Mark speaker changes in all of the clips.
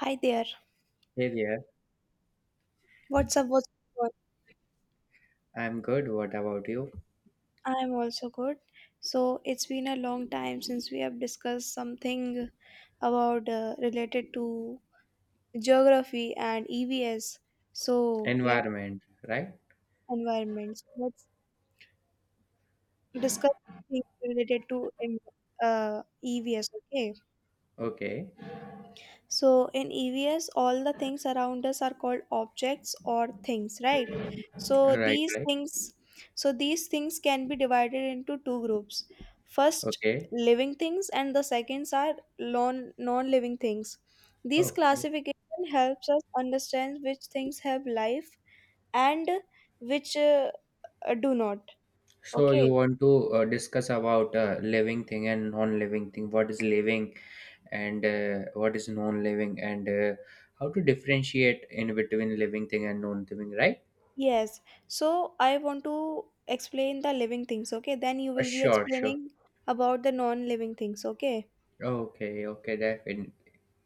Speaker 1: Hi there.
Speaker 2: Hey there,
Speaker 1: What's up? What's up?
Speaker 2: I'm good. What about you?
Speaker 1: I'm also good. So it's been a long time since we have discussed something about related to geography and EVS. So let's
Speaker 2: Environment, right?
Speaker 1: environments. Let's discuss things related to uh, EVS. Okay.
Speaker 2: Okay,
Speaker 1: So in EVS, all the things around us are called objects or things, right? So
Speaker 2: right,
Speaker 1: these
Speaker 2: right.
Speaker 1: things, so these things can be divided into two groups. First,
Speaker 2: Okay,
Speaker 1: living things, and the seconds are non-living things. These
Speaker 2: okay.
Speaker 1: classification helps us understand which things have life and which do not.
Speaker 2: So you
Speaker 1: Okay.
Speaker 2: want to discuss about living thing and non-living thing. What is living and what is non-living and how to differentiate in between living thing and non-living, right?
Speaker 1: Yes. So I want to explain the living things, okay? Then you will be
Speaker 2: Sure, sure.
Speaker 1: explaining about the non-living things, okay?
Speaker 2: Okay, okay, definitely.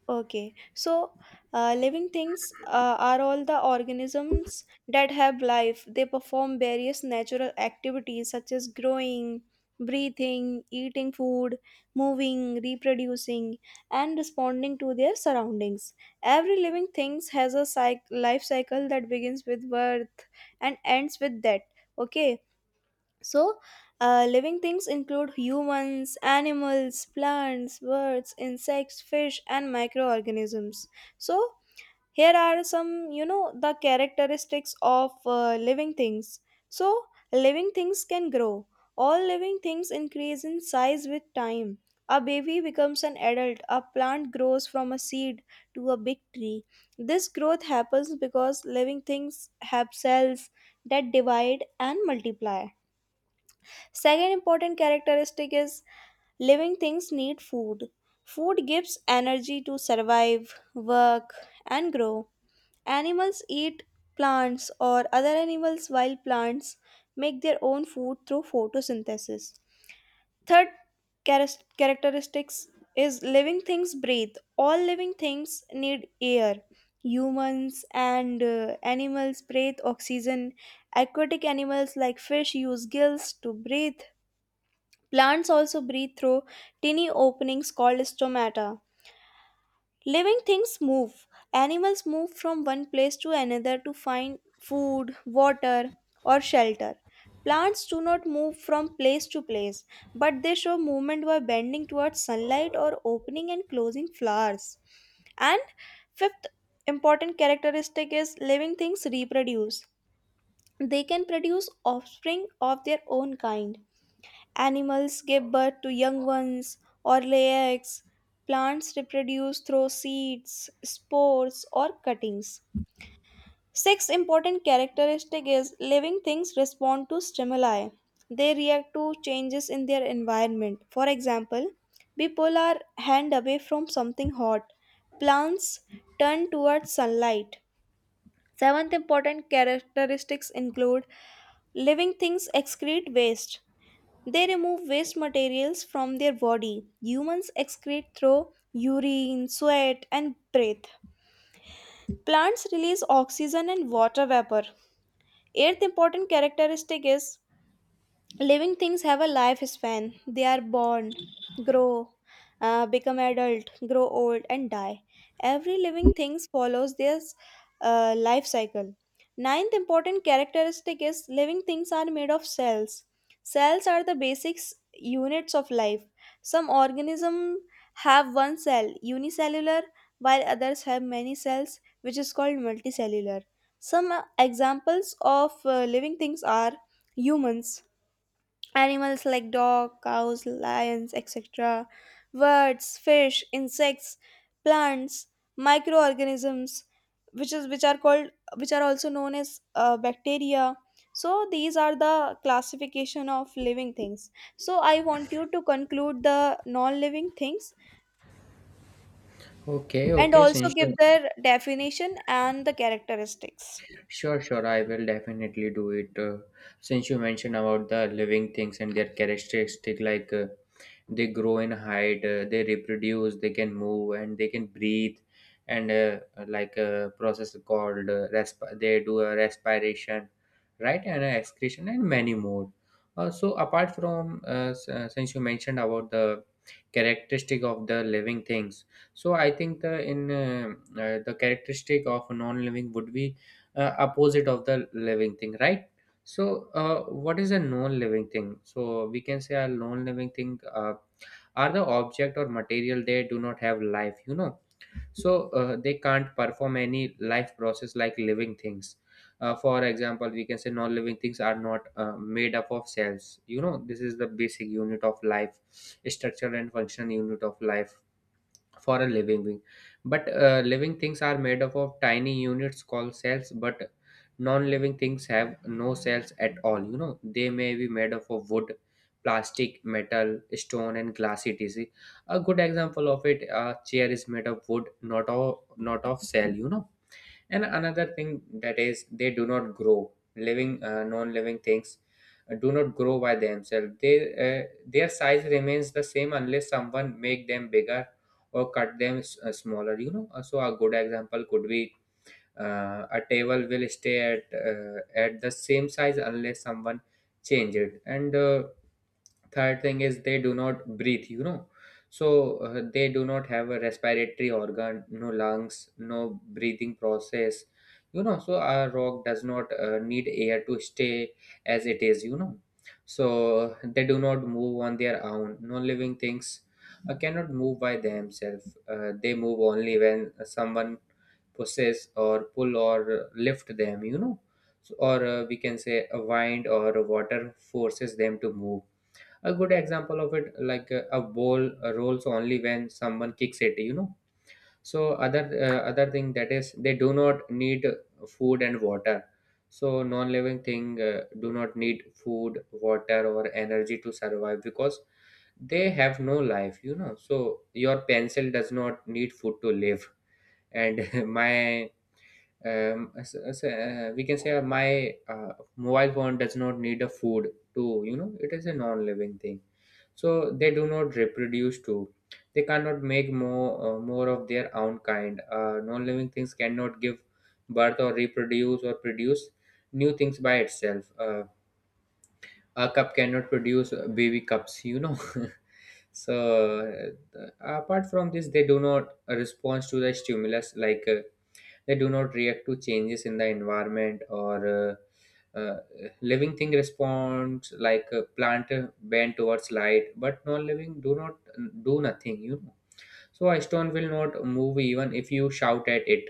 Speaker 1: Okay. So living things are all the organisms that have life. They perform various natural activities such as growing, breathing, eating food, moving, reproducing, and responding to their surroundings. Every living things has a life cycle that begins with birth and ends with death. Okay, so, living things include humans, animals, plants, birds, insects, fish, and microorganisms. So, here are some the characteristics of living things. So, living things can grow. All living things increase in size with time. A baby becomes an adult. A plant grows from a seed to a big tree. This growth happens because living things have cells that divide and multiply. Second important characteristic is living things need food. Food gives energy to survive, work, and grow. Animals eat plants or other animals, while plants make their own food through photosynthesis. Third characteristics is living things breathe. All living things need air. Humans and animals breathe oxygen. Aquatic animals like fish use gills to breathe. Plants also breathe through tiny openings called stomata. Living things move. Animals move from one place to another to find food, water, or shelter. Plants do not move from place to place, but they show movement by bending towards sunlight or opening and closing flowers. And fifth important characteristic is living things reproduce. They can produce offspring of their own kind. Animals give birth to young ones or lay eggs. Plants reproduce through seeds, spores, or cuttings. Sixth important characteristic is living things respond to stimuli. They react to changes in their environment. For example, we pull our hand away from something hot. Plants turn towards sunlight. Seventh important characteristics include living things excrete waste. They remove waste materials from their body. Humans excrete through urine, sweat, and breath. Plants release oxygen and water vapor. Eighth important characteristic is living things have a lifespan. They are born, grow, become adult, grow old, and die. Every living thing follows their life cycle. Ninth important characteristic is living things are made of cells. Cells are the basic units of life. Some organisms have one cell, unicellular, while others have many cells, which is called multicellular. Some examples of living things are humans, animals like dog, cows, lions, etc., birds, fish, insects, plants, microorganisms, which is which are called which are also known as bacteria. So these are the classification of living things. So I want you to conclude the non-living things
Speaker 2: Okay,
Speaker 1: and
Speaker 2: okay.
Speaker 1: also give their definition and the characteristics.
Speaker 2: Sure, sure, I will definitely do it. Since you mentioned about the living things and their characteristic, like. They grow in height, they reproduce, they can move and they can breathe, and like a process called they do a respiration, right, and a excretion, and many more. So apart from since you mentioned about the characteristic of the living things, so I think the characteristic of non-living would be opposite of the living thing, right. So what is a non-living thing? So we can say a non-living thing are the object or material. They do not have life. So they can't perform any life process like living things. For example, we can say non-living things are not made up of cells. This is the basic unit of life, structure and function unit of life for a living thing. But living things are made up of tiny units called cells, but non-living things have no cells at all. They may be made up of wood, plastic, metal, stone and glass, etc. A good example of it: a chair is made of wood, not of cell. And another thing that is, they do not grow. Living Non-living things do not grow by themselves. They Their size remains the same unless someone make them bigger or cut them smaller. So a good example could be a table will stay at the same size unless someone change it. And third thing is, they do not breathe. So they do not have a respiratory organ, no lungs, no breathing process. So a rock does not need air to stay as it is. So they do not move on their own. No living things cannot move by themselves. They move only when someone pushes or pull or lift them. So, or we can say a wind or water forces them to move. A good example of it, like a ball rolls only when someone kicks it. So other thing that is, they do not need food and water. So non-living thing do not need food, water or energy to survive because they have no life. So your pencil does not need food to live. And my we can say my mobile phone does not need a food to. It is a non-living thing. So they do not reproduce too. They cannot make more of their own kind. Non-living things cannot give birth or reproduce or produce new things by itself. A cup cannot produce baby cups. So apart from this, they do not respond to the stimulus. Like they do not react to changes in the environment, or living thing responds like a plant bend towards light, but non-living do not do nothing. So a stone will not move even if you shout at it,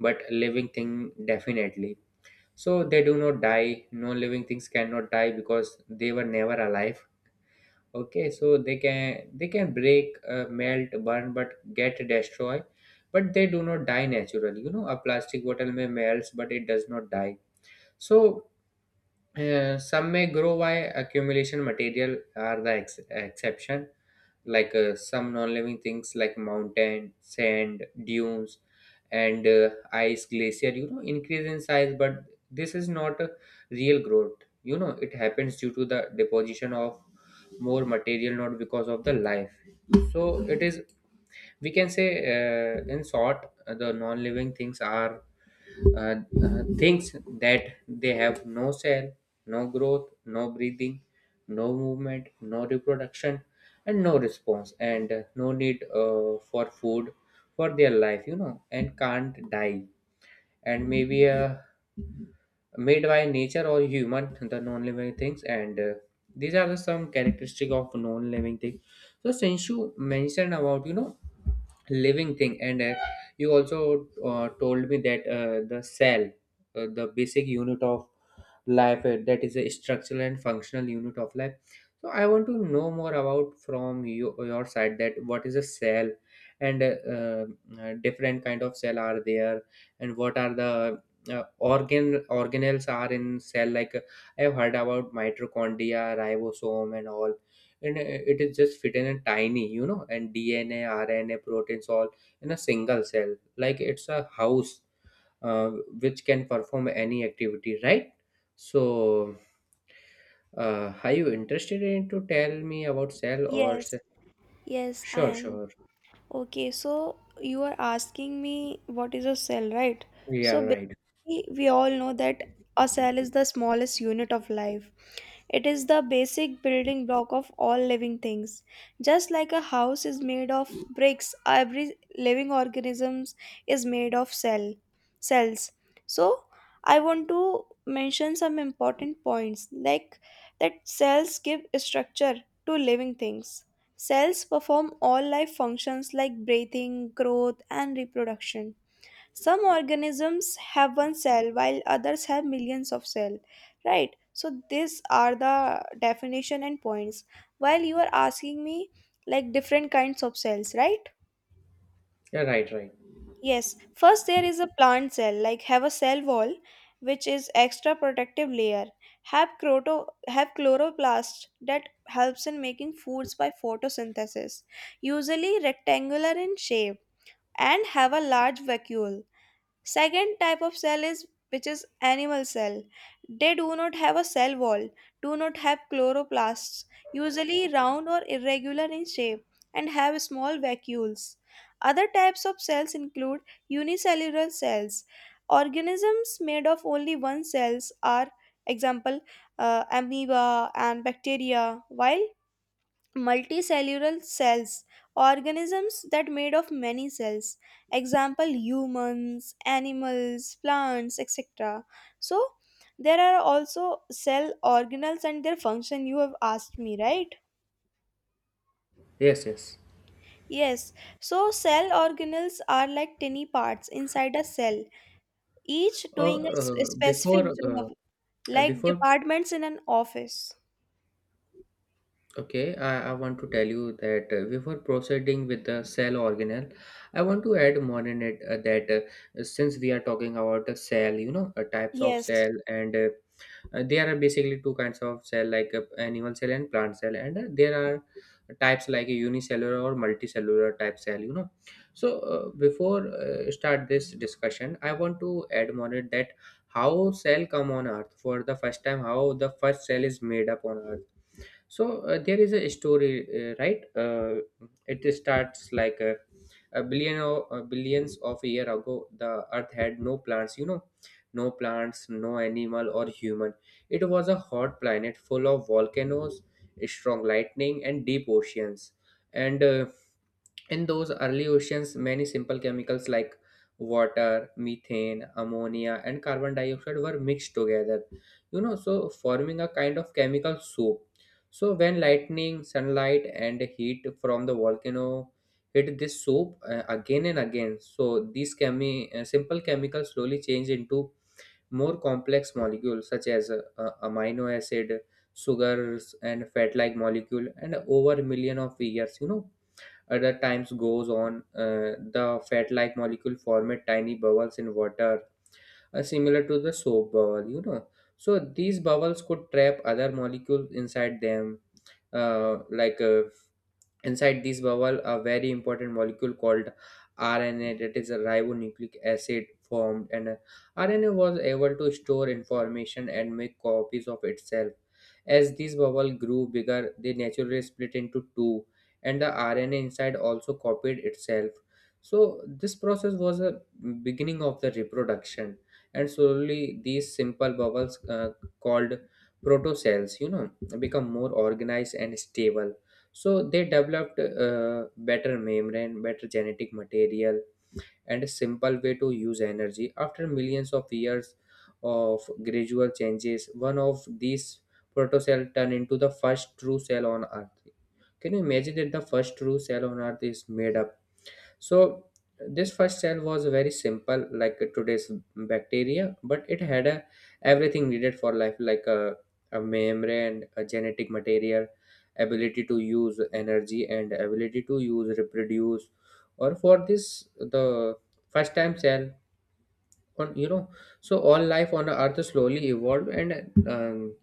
Speaker 2: but living thing, definitely. So they do not die. Non-living things cannot die because they were never alive. Okay, so they can break, melt, burn but get destroyed, but they do not die naturally. A plastic bottle may melts but it does not die. So some may grow by accumulation material are the exception. Like some non-living things like mountain, sand, dunes, and ice glacier increase in size, but this is not a real growth. It happens due to the deposition of more material, not because of the life. So it is, we can say, in short, the non-living things are uh, things that they have no cell, no growth, no breathing, no movement, no reproduction, and no response, and no need for food for their life, and can't die. And maybe, yeah, made by nature or human, the non-living things. And these are the some characteristic of non-living things. So since you mentioned about, living thing, and you also told me that the cell, the basic unit of life, that is a structural and functional unit of life. So I want to know more about from you, your side, that what is a cell, and different kind of cell are there, and what are the uh, organ organelles are in cell, like I've heard about mitochondria, ribosome and all, and it is just fit in a tiny, and DNA, RNA, proteins, all in a single cell, like it's a house, uh, which can perform any activity, right? So are you interested in to tell me about cell or
Speaker 1: Yes,
Speaker 2: cell?
Speaker 1: yes, I
Speaker 2: Sure,
Speaker 1: am.
Speaker 2: sure.
Speaker 1: Okay, so you are asking me what is a cell, right?
Speaker 2: Yeah,
Speaker 1: So
Speaker 2: right.
Speaker 1: we all know that a cell is the smallest unit of life. It is the basic building block of all living things. Just like a house is made of bricks, every living organism is made of cells. So I want to mention some important points, like that cells give structure to living things. Cells perform all life functions like breathing, growth, and reproduction. Some organisms have one cell, while others have millions of cells, right? So these are the definition and points. While you are asking me like different kinds of cells, right?
Speaker 2: Yeah, right, right.
Speaker 1: Yes, first there is a plant cell, like have a cell wall, which is extra protective layer, have croto have chloroplast that helps in making foods by photosynthesis, usually rectangular in shape, and have a large vacuole. Second type of cell is which is animal cell. They do not have a cell wall, do not have chloroplasts, usually round or irregular in shape, and have small vacuoles. Other types of cells include unicellular cells. Organisms made of only one cells are example amoeba and bacteria, while multicellular cells organisms that made of many cells, example humans, animals, plants, etc. So there are also cell organelles and their function you have asked me, right?
Speaker 2: Yes, yes.
Speaker 1: Yes. So cell organelles are like tiny parts inside a cell, each
Speaker 2: uh,
Speaker 1: doing a
Speaker 2: before
Speaker 1: specific job, like
Speaker 2: before
Speaker 1: departments in an office.
Speaker 2: Okay, I want to tell you that before proceeding with the cell organelle, I want to add more in it that since we are talking about the cell, types of
Speaker 1: Yes,
Speaker 2: cell, and there are basically two kinds of cell, like animal cell and plant cell, and there are types like a unicellular or multicellular type cell. So before start this discussion, I want to add more it that how cell come on earth for the first time, how the first cell is made up on earth. So there is a story, right, it starts like a, billions of year ago, the earth had no plants. No plants, no animal or human. It was a hot planet full of volcanoes, strong lightning and deep oceans. And in those early oceans, many simple chemicals like water, methane, ammonia, and carbon dioxide were mixed together, so forming a kind of chemical soup. So, when lightning, sunlight, and heat from the volcano hit this soup again and again, so these simple chemicals slowly change into more complex molecules such as amino acid, sugars, and fat like molecule, and over a million of years, other times goes on, the fat-like molecule form a tiny bubbles in water, similar to the soap bubble. So these bubbles could trap other molecules inside them. Like inside this bubble, a very important molecule called RNA, that is a ribonucleic acid, formed. And RNA was able to store information and make copies of itself. As these bubbles grew bigger, they naturally split into two, and the RNA inside also copied itself. So, this process was a beginning of the reproduction, and slowly these simple bubbles called protocells, become more organized and stable. So, they developed better membrane, better genetic material and a simple way to use energy. After millions of years of gradual changes, one of these protocell turned into the first true cell on Earth. Can you imagine that the first true cell on Earth is made up? So this first cell was very simple, like today's bacteria, but everything needed for life, like a, membrane, a genetic material, ability to use energy and ability to use reproduce. Or for this, the first time cell on. So all life on the earth slowly evolved and um,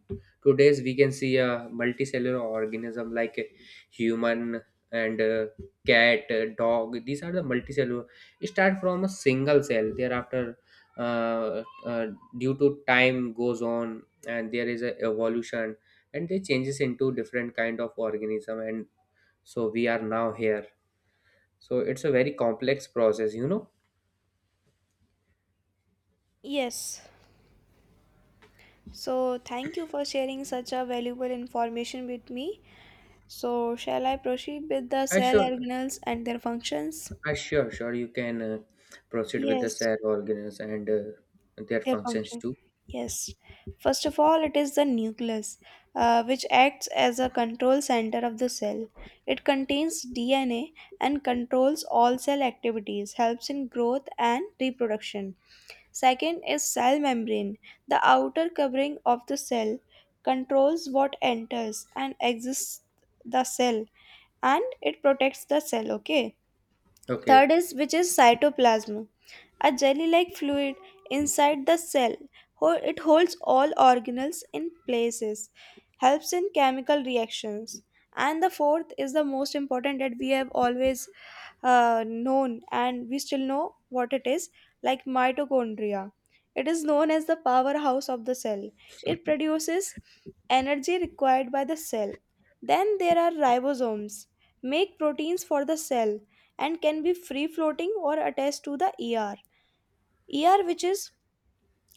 Speaker 2: today's we can see a multicellular organism like a human and cat, dog. These are the multicellular. It start from a single cell thereafter. uh, uh, Due to time goes on, and there is a evolution, and they changes into different kind of organism. And so we are now here. So it's a very complex process.
Speaker 1: yes. So thank you for sharing such a valuable information with me. So, shall I proceed with the
Speaker 2: I
Speaker 1: cell
Speaker 2: sure
Speaker 1: organelles and their functions?
Speaker 2: Sure, sure. You can proceed with the
Speaker 1: Yes,
Speaker 2: cell organs and their
Speaker 1: their
Speaker 2: functions
Speaker 1: function.
Speaker 2: too.
Speaker 1: Yes. First of all, it is the nucleus, which acts as a control center of the cell. It contains DNA and controls all cell activities, helps in growth and reproduction. Second is cell membrane. The outer covering of the cell controls what enters and exits the cell, and it protects the cell, okay?
Speaker 2: Okay.
Speaker 1: Third is which is cytoplasm, a jelly-like fluid inside the cell. It holds all organelles in places, helps in chemical reactions. And the fourth is the most important, that we have always known and we still know what it is, like mitochondria. It is known as the powerhouse of the cell. It produces energy required by the cell. Then there are ribosomes, make proteins for the cell and can be free floating or attached to the ER. ER, which is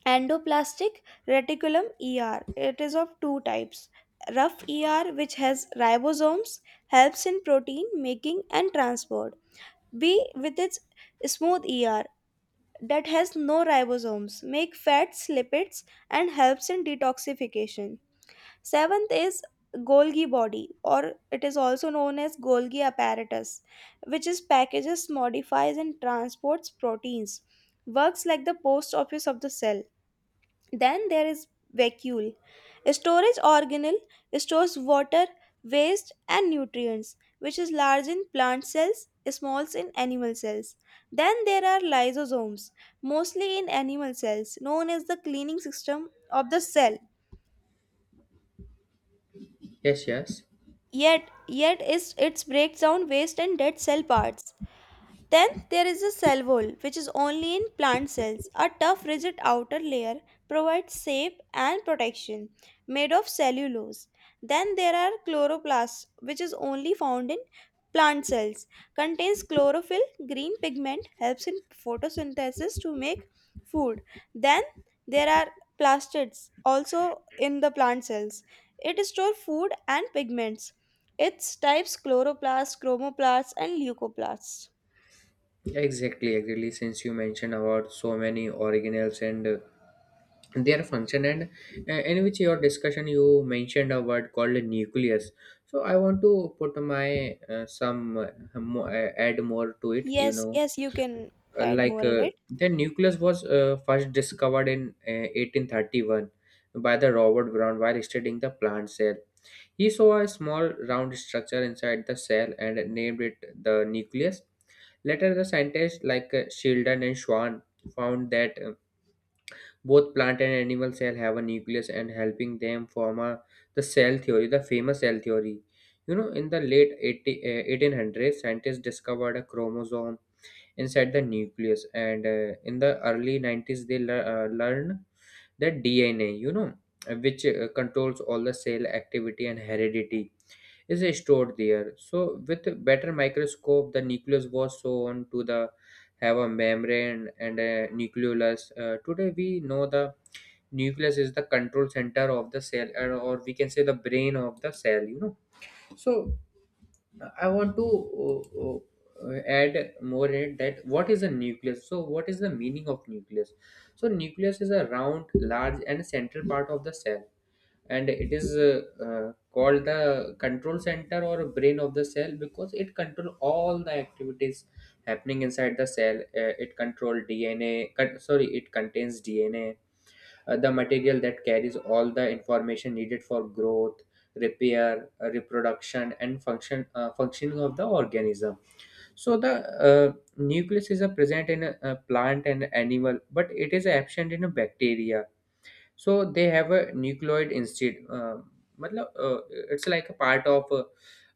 Speaker 1: endoplastic reticulum ER, it is of two types. Rough ER, which has ribosomes, helps in protein making and transport. B, with its smooth ER, that has no ribosomes, make fats, lipids, and helps in detoxification. Seventh is Golgi body, or it is also known as Golgi apparatus, which is packages, modifies, and transports proteins, works like the post office of the cell. Then there is vacuole. Storage organelle stores water, waste, and nutrients, which is large in plant cells, small in animal cells. Then there are lysosomes, mostly in animal cells, known as the cleaning system of the cell.
Speaker 2: Yes, yes.
Speaker 1: Yet is its breakdown, waste, and dead cell parts. Then there is a cell wall, which is only in plant cells. A tough, rigid outer layer provides shape and protection, made of cellulose. Then there are chloroplasts, which is only found in plant cells. Contains chlorophyll, green pigment, helps in photosynthesis to make food. Then there are plastids, also in the plant cells. It stores food and pigments. Its types chloroplasts, chromoplasts, and leucoplasts.
Speaker 2: Exactly, exactly. Since you mentioned about so many organelles and their function and in which your discussion you mentioned a word called nucleus. So I want to put my add more to it,
Speaker 1: Yes, yes, you can add more
Speaker 2: like
Speaker 1: in it.
Speaker 2: the nucleus was first discovered in 1831 by the Robert Brown while studying the plant cell. He saw a small round structure inside the cell and named it the nucleus. Later, the scientists like Sheldon and Schwann found that both plant and animal cell have a nucleus and helping them form a, the cell theory, the famous cell theory. You know, in the late 1800s, scientists discovered a chromosome inside the nucleus, and in the early 90s they learn that dna, which controls all the cell activity and heredity is stored there. So with a better microscope, the nucleus was shown to the have a membrane and a nucleolus. Today we know the nucleus is the control center of the cell, or we can say the brain of the cell. So I want to add more in it. That what is a nucleus? So what is the meaning of nucleus? So nucleus is a round, large, and central part of the cell, and it is called the control center or brain of the cell because it control all the activities happening inside the cell. It control DNA. Con- sorry, it contains DNA, the material that carries all the information needed for growth, repair, reproduction and function, functioning of the organism. So the nucleus is present in a plant and animal, but it is absent in a bacteria. So they have a nucleoid instead. मतलब, it's like a part of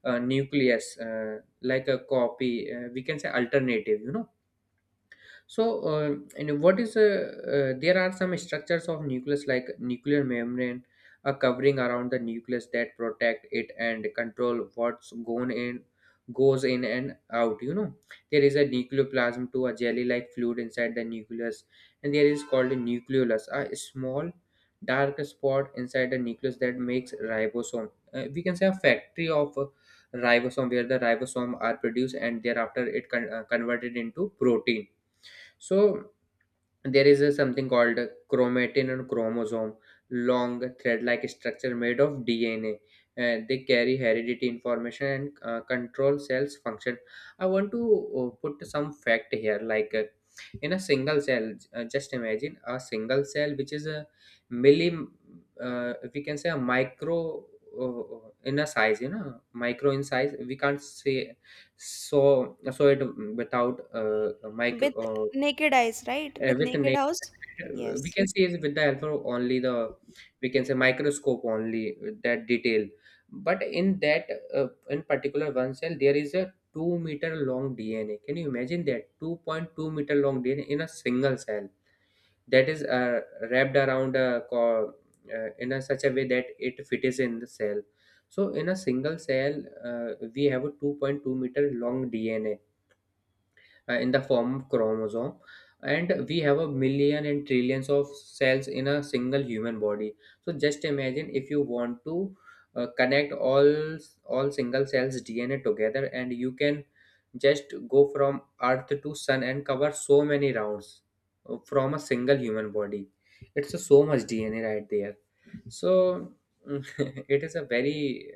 Speaker 2: a nucleus, like a copy. We can say alternative, you know. So, uh, and what is uh, uh, there are some structures of nucleus like nuclear membrane, a covering around the nucleus that protect it and control what's goes in and out. You know, there is a nucleoplasm to a jelly-like fluid inside the nucleus, and there is called a nucleolus, a small dark spot inside the nucleus that makes ribosome. We can say a factory of ribosome where the ribosome are produced and thereafter it converted into protein. So there is a, something called chromatin and chromosome, long thread-like structure made of DNA. And they carry heredity information and control cells function. I want to put some fact here, like in a single cell. Just imagine a single cell, which is a milli, we can say a micro in a size, you know, micro in size. We can't say so, so it without a
Speaker 1: With
Speaker 2: micro.
Speaker 1: naked eyes, right?
Speaker 2: Uh,
Speaker 1: With
Speaker 2: with na-
Speaker 1: naked house?
Speaker 2: we
Speaker 1: Yes.
Speaker 2: can see is with the help of only the, we can say, microscope only with that detail. But in that, in particular one cell there is a 2-meter long dna. Can you imagine that 2.2-meter long dna in a single cell? That is Wrapped around a in a such a way that it fits in the cell. So in a single cell, we have a 2.2-meter long dna in the form of chromosome, and we have a million and trillions of cells in a single human body. So just imagine if you want to connect all single cells dna together, and you can just go from earth to sun and cover so many rounds from a single human body. It's a, so much dna right there. So it is a very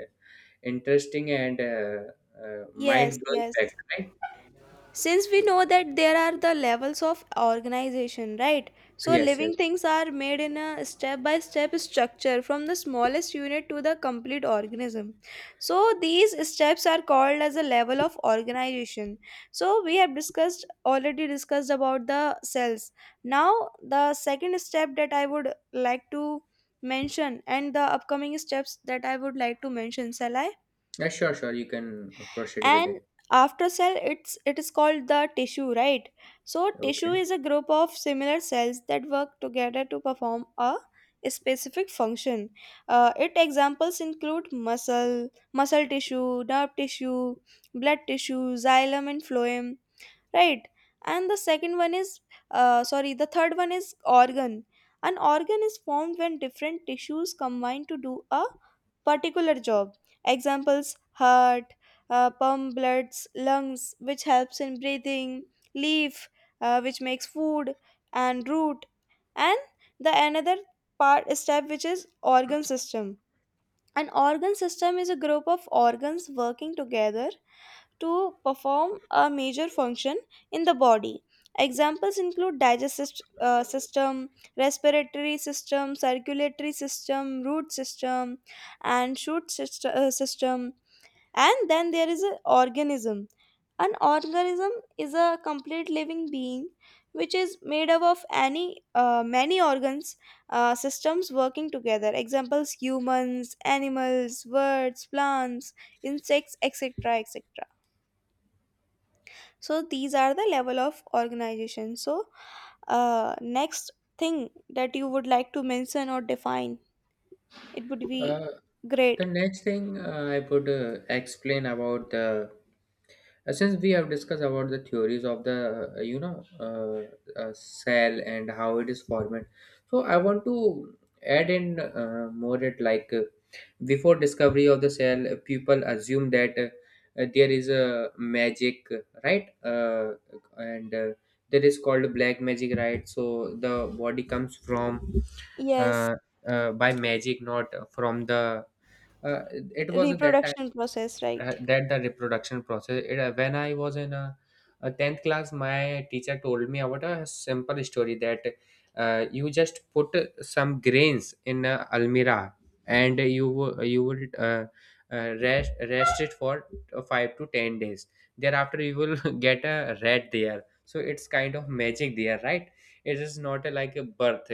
Speaker 2: interesting and
Speaker 1: Yes,
Speaker 2: mind-blowing fact,
Speaker 1: yes.
Speaker 2: right?
Speaker 1: Since we know that there are the levels of organization, right? So
Speaker 2: Yes,
Speaker 1: living
Speaker 2: yes.
Speaker 1: things are made in a step by step structure from the smallest unit to the complete organism. So these steps are called as a level of organization. So we have discussed already discussed about the cells. Now, the second step that I would like to mention, and the upcoming steps that I would like to mention, shall I?
Speaker 2: Yeah, sure, sure. You can proceed with
Speaker 1: And
Speaker 2: it.
Speaker 1: after cell, it is called the tissue, right? So tissue
Speaker 2: Okay.
Speaker 1: is a group of similar cells that work together to perform a specific function. It examples include muscle tissue, nerve tissue, blood tissue, xylem and phloem, right? And the second one is, sorry, the third one is organ. An organ is formed when different tissues combine to do a particular job. Examples: heart, pump bloods; lungs, which helps in breathing; leaf, which makes food; and root. And the another part step, which is organ system. An organ system is a group of organs working together to perform a major function in the body. Examples include digestive system, respiratory system, circulatory system, root system, and shoot system. And then there is an organism. An organism is a complete living being, which is made up of any many organs, systems working together. Examples: humans, animals, birds, plants, insects, etc., so these are the level of organization. So next thing that you would like to mention or define, it would be
Speaker 2: Uh,
Speaker 1: great.
Speaker 2: the next thing I would explain about the, since we have discussed about the theories of the, cell and how it is formed. So I want to add in more it, like before discovery of the cell, people assume that, there is a magic, right? And that is called black magic, right? So the body comes from
Speaker 1: Yes,
Speaker 2: uh, by magic, not from the. Uh, it was at that time
Speaker 1: reproduction process, right?
Speaker 2: that the reproduction process. It, when I was in a tenth class, my teacher told me about a simple story that you just put some grains in a almirah, and you you will rest it for 5 to 10 days. Thereafter, you will get a rat there. So it's kind of magic there, right? It is not like a birth.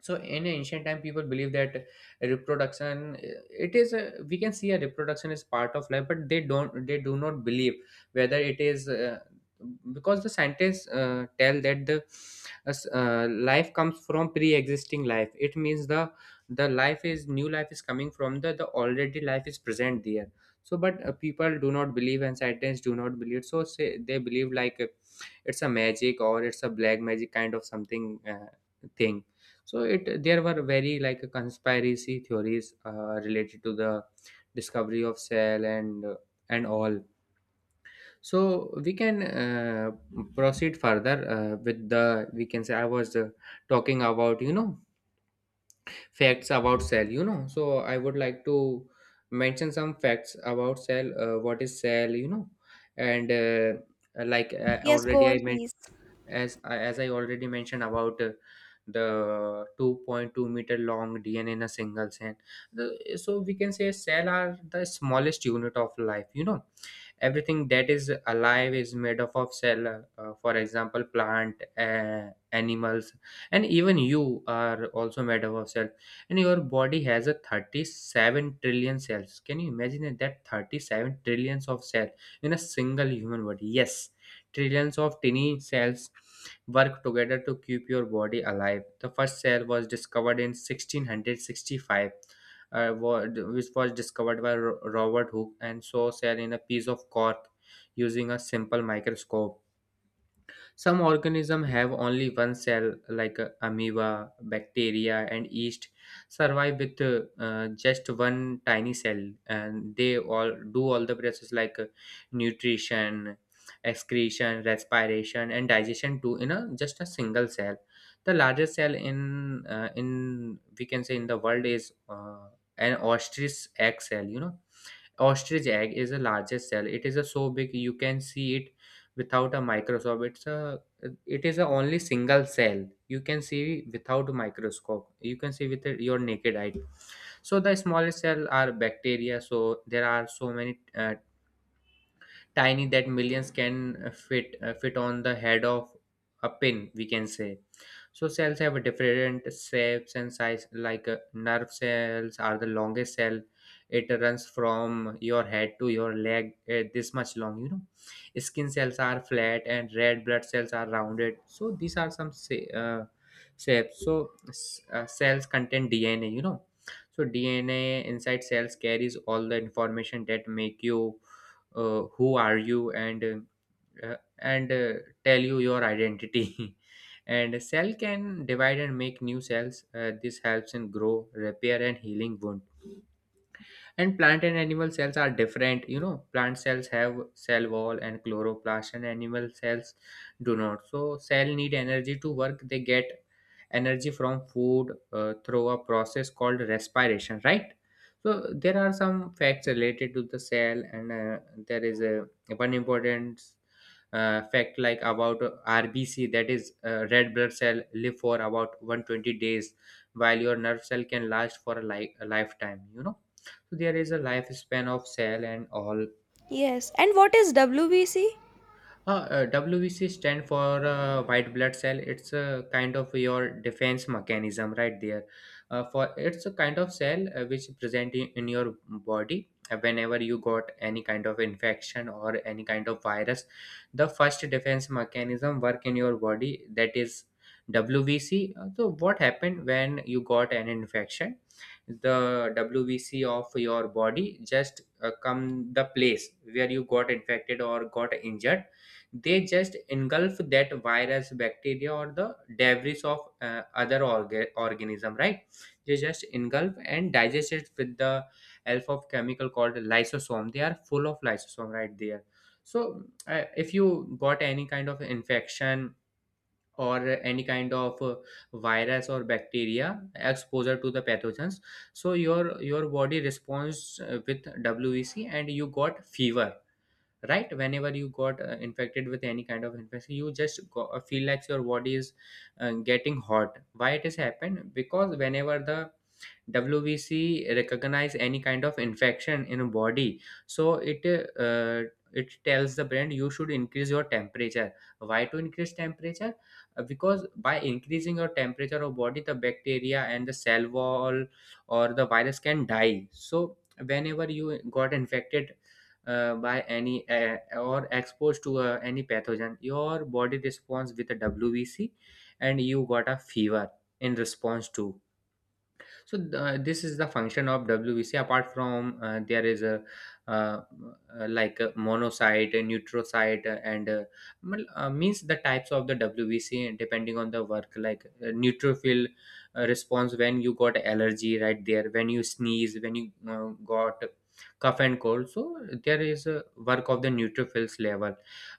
Speaker 2: So in ancient time people believe that reproduction, it is a, we can see a reproduction is part of life, but they do not believe whether it is, because the scientists tell that the life comes from pre-existing life. It means the life is new life is coming from the already life is present there. So but people do not believe and scientists do not believe, so say, they believe like, it's a magic or it's a black magic kind of something, uh, thing. So it there were very like conspiracy theories related to the discovery of cell, and and all. So we can proceed further with the, we can say. I was talking about, you know, facts about cell, you know. So I would like to mention some facts about cell. What is cell, you know, and like
Speaker 1: Yes, go
Speaker 2: already
Speaker 1: on
Speaker 2: I
Speaker 1: please.
Speaker 2: mentioned, as as I already mentioned about the 2.2-meter long DNA in a single cell. The, so we can say cell are the smallest unit of life. You know, everything that is alive is made up of cell, for example plant, animals, and even you are also made up of cell, and your body has a 37 trillion cells. Can you imagine it, that 37 trillions of cells in a single human body? Yes, trillions of tiny cells work together to keep your body alive. The first cell was discovered in 1665, which was discovered by Robert Hooke, and saw cell in a piece of cork using a simple microscope. Some organisms have only one cell, like amoeba, bacteria, and yeast, survive with just one tiny cell, and they all do all the process like nutrition, excretion, respiration, and digestion too in a just a single cell. The largest cell in, in we can say in the world is an ostrich egg cell. You know, ostrich egg is the largest cell. It is a so big, you can see it without a microscope. It's a, it is a only single cell you can see without a microscope. You can see with your naked eye. So the smallest cell are bacteria. So there are so many tiny that millions can fit on the head of a pin, we can say. So cells have different shapes and size. Like nerve cells are the longest cell. It runs from your head to your leg, this much long. You know, skin cells are flat and red blood cells are rounded. So these are some shapes. So cells contain DNA. You know, so DNA inside cells carries all the information that make you, who are you, and tell you your identity. And a cell can divide and make new cells. This helps in grow, repair, and healing wound. And plant and animal cells are different. You know, plant cells have cell wall and chloroplast, and animal cells do not. So cell need energy to work. They get energy from food through a process called respiration, right? So there are some facts related to the cell, and there is a one important fact like about RBC, that is, red blood cell live for about 120 days, while your nerve cell can last for a, a lifetime, you know. So there is a lifespan of cell and all.
Speaker 1: Yes, and what is WBC?
Speaker 2: WBC stand for white blood cell. It's a kind of your defense mechanism right there. For it's a kind of cell which present in your body. Whenever you got any kind of infection or any kind of virus, the first defense mechanism work in your body, that is WBC. So what happened when you got an infection? The WBC of your body just come the place where you got infected or got injured. They just engulf that virus, bacteria, or the debris of other organism, right? They just engulf and digest it with the help of chemical called lysosome. They are full of lysosome right there. So if you got any kind of infection or any kind of, virus or bacteria exposure to the pathogens, so your body responds with WBC, and you got fever, right? Whenever you got infected with any kind of infection, you just go, feel like your body is getting hot. Why it has happened? Because whenever the WBC recognize any kind of infection in a body, so it, uh, it tells the brain you should increase your temperature. Why to increase temperature? Because by increasing your temperature of body, the bacteria and the cell wall or the virus can die. So whenever you got infected, by any or exposed to any pathogen, your body responds with a WBC, and you got a fever in response to. So this is the function of WBC. Apart from, there is a, uh, uh, like a monocyte, a neutrocyte, means the types of the WBC, and depending on the work, like neutrophil response when you got allergy right there, when you sneeze, when you got cough and cold. So there is a work of the neutrophils level.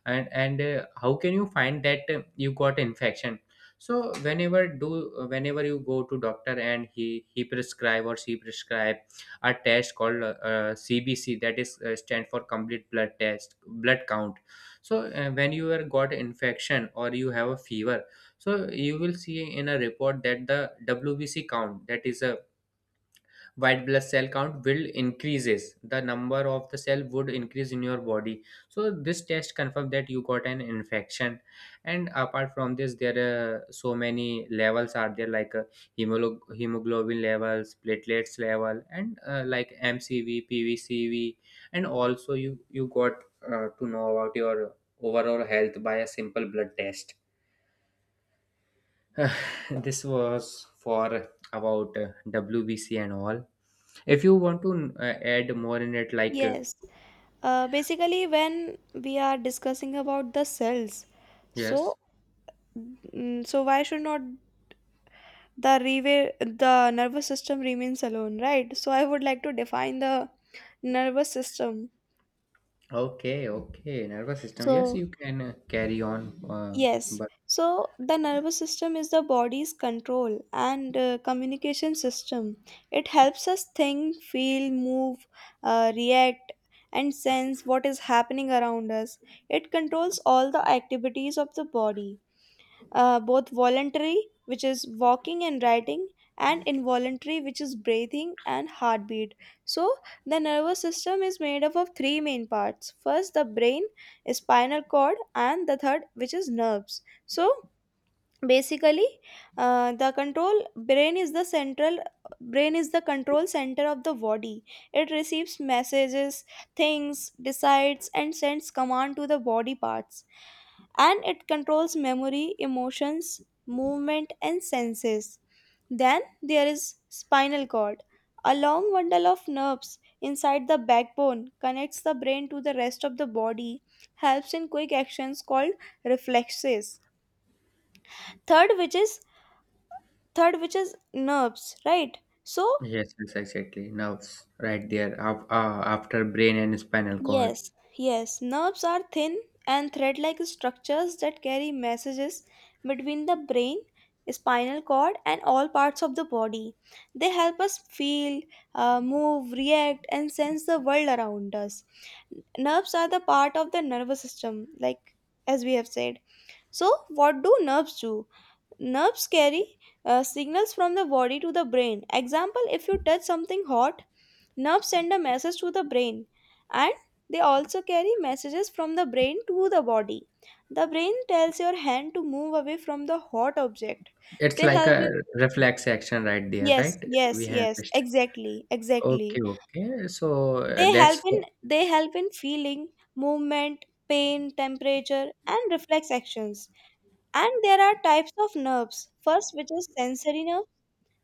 Speaker 2: And how can you find that you got infection? So whenever you go to doctor, and he prescribe or she prescribe a test called CBC, that is, stand for complete blood test, blood count. So when you are got infection or you have a fever, so you will see in a report that the WBC count, that is a white blood cell count, will increases. The number of the cell would increase in your body. So this test confirmed that you got an infection. And apart from this, there are so many levels are there, like hemoglobin levels, platelets level, and like MCV, PVCV And also you got to know about your overall health by a simple blood test. This was for about WBC and all. If you want to add more in it, like
Speaker 1: Yes. Basically, when we are discussing about the cells, so
Speaker 2: yes,
Speaker 1: so why should not the rewa- the nervous system remains alone, right? So I would like to define the nervous system.
Speaker 2: okay, okay, nervous system. Yes,
Speaker 1: So
Speaker 2: you can carry on. Uh,
Speaker 1: yes,
Speaker 2: but
Speaker 1: so the nervous system is the body's control and communication system. It helps us think, feel, move, react, and sense what is happening around us. It controls all the activities of the body, both voluntary, which is walking and writing, and involuntary, which is breathing and heartbeat. So, the nervous system is made up of three main parts: first, the brain; spinal cord; and the third, which is nerves. So, basically, the control brain is the central brain is the control center of the body. It receives messages, thinks, decides, and sends command to the body parts, and it controls memory, emotions, movement, and senses. Then there is spinal cord, a long bundle of nerves inside the backbone, connects the brain to the rest of the body, helps in quick actions called reflexes. Third, which is third which is nerves, right? So
Speaker 2: yes, yes, exactly. Nerves, right there. After brain and spinal cord,
Speaker 1: yes, yes, nerves are thin and thread like structures that carry messages between the brain, spinal cord, and all parts of the body. They help us feel, move, react, and sense the world around us. Nerves are the part of the nervous system, like as we have said. So what do nerves do? Nerves carry signals from the body to the brain. Example: if you touch something hot, nerves send a message to the brain. And they also carry messages from the brain to the body. The brain tells your hand to move away from the hot object.
Speaker 2: it's
Speaker 1: They
Speaker 2: like
Speaker 1: help
Speaker 2: a
Speaker 1: in
Speaker 2: reflex action right there,
Speaker 1: Yes,
Speaker 2: right?
Speaker 1: yes,
Speaker 2: We have.
Speaker 1: yes, exactly, exactly.
Speaker 2: Okay, okay. So
Speaker 1: They help
Speaker 2: that's.
Speaker 1: in they help in feeling, movement, pain, temperature, and reflex actions. And there are types of nerves. First, which is sensory nerve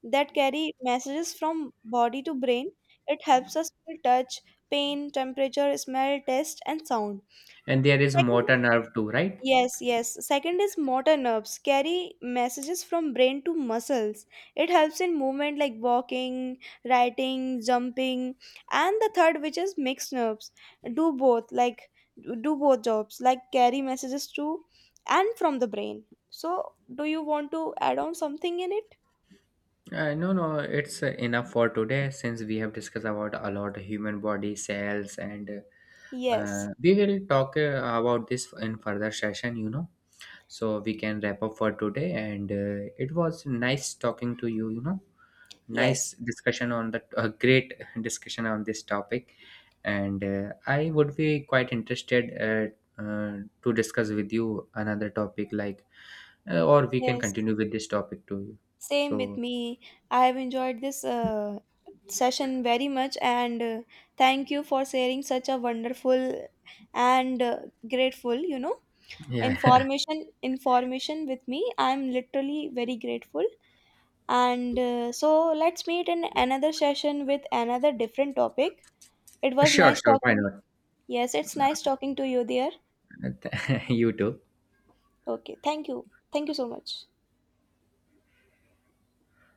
Speaker 1: that carry messages from body to brain. It helps us feel touch, pain, temperature, smell, taste, and sound.
Speaker 2: And there is
Speaker 1: Second
Speaker 2: motor
Speaker 1: is,
Speaker 2: nerve too, right?
Speaker 1: yes, yes. Second is motor nerves carry messages from brain to muscles. It helps in movement like walking, writing, jumping. And the third, which is mixed nerves, do both, like do both jobs, like carry messages to and from the brain. So, do you want to add on something in it?
Speaker 2: No, no, it's enough for today, since we have discussed about a lot of human body cells, and
Speaker 1: Yes,
Speaker 2: we will talk about this in further session, you know. So we can wrap up for today, and it was nice talking to you, you know. Nice
Speaker 1: yes,
Speaker 2: discussion on the. A great discussion on this topic, and I would be quite interested, to discuss with you another topic like, or we can
Speaker 1: yes.
Speaker 2: continue with this topic too.
Speaker 1: Same with
Speaker 2: So
Speaker 1: me. I have enjoyed this session very much, and thank you for sharing such a wonderful and grateful,
Speaker 2: yeah.
Speaker 1: information with me. I'm literally very grateful. And so let's meet in another session with another different topic. It was
Speaker 2: Sure,
Speaker 1: nice
Speaker 2: sure. Why
Speaker 1: talking.
Speaker 2: not?
Speaker 1: Yes, it's nice talking to you there.
Speaker 2: You too.
Speaker 1: Okay, thank you. Thank you so much.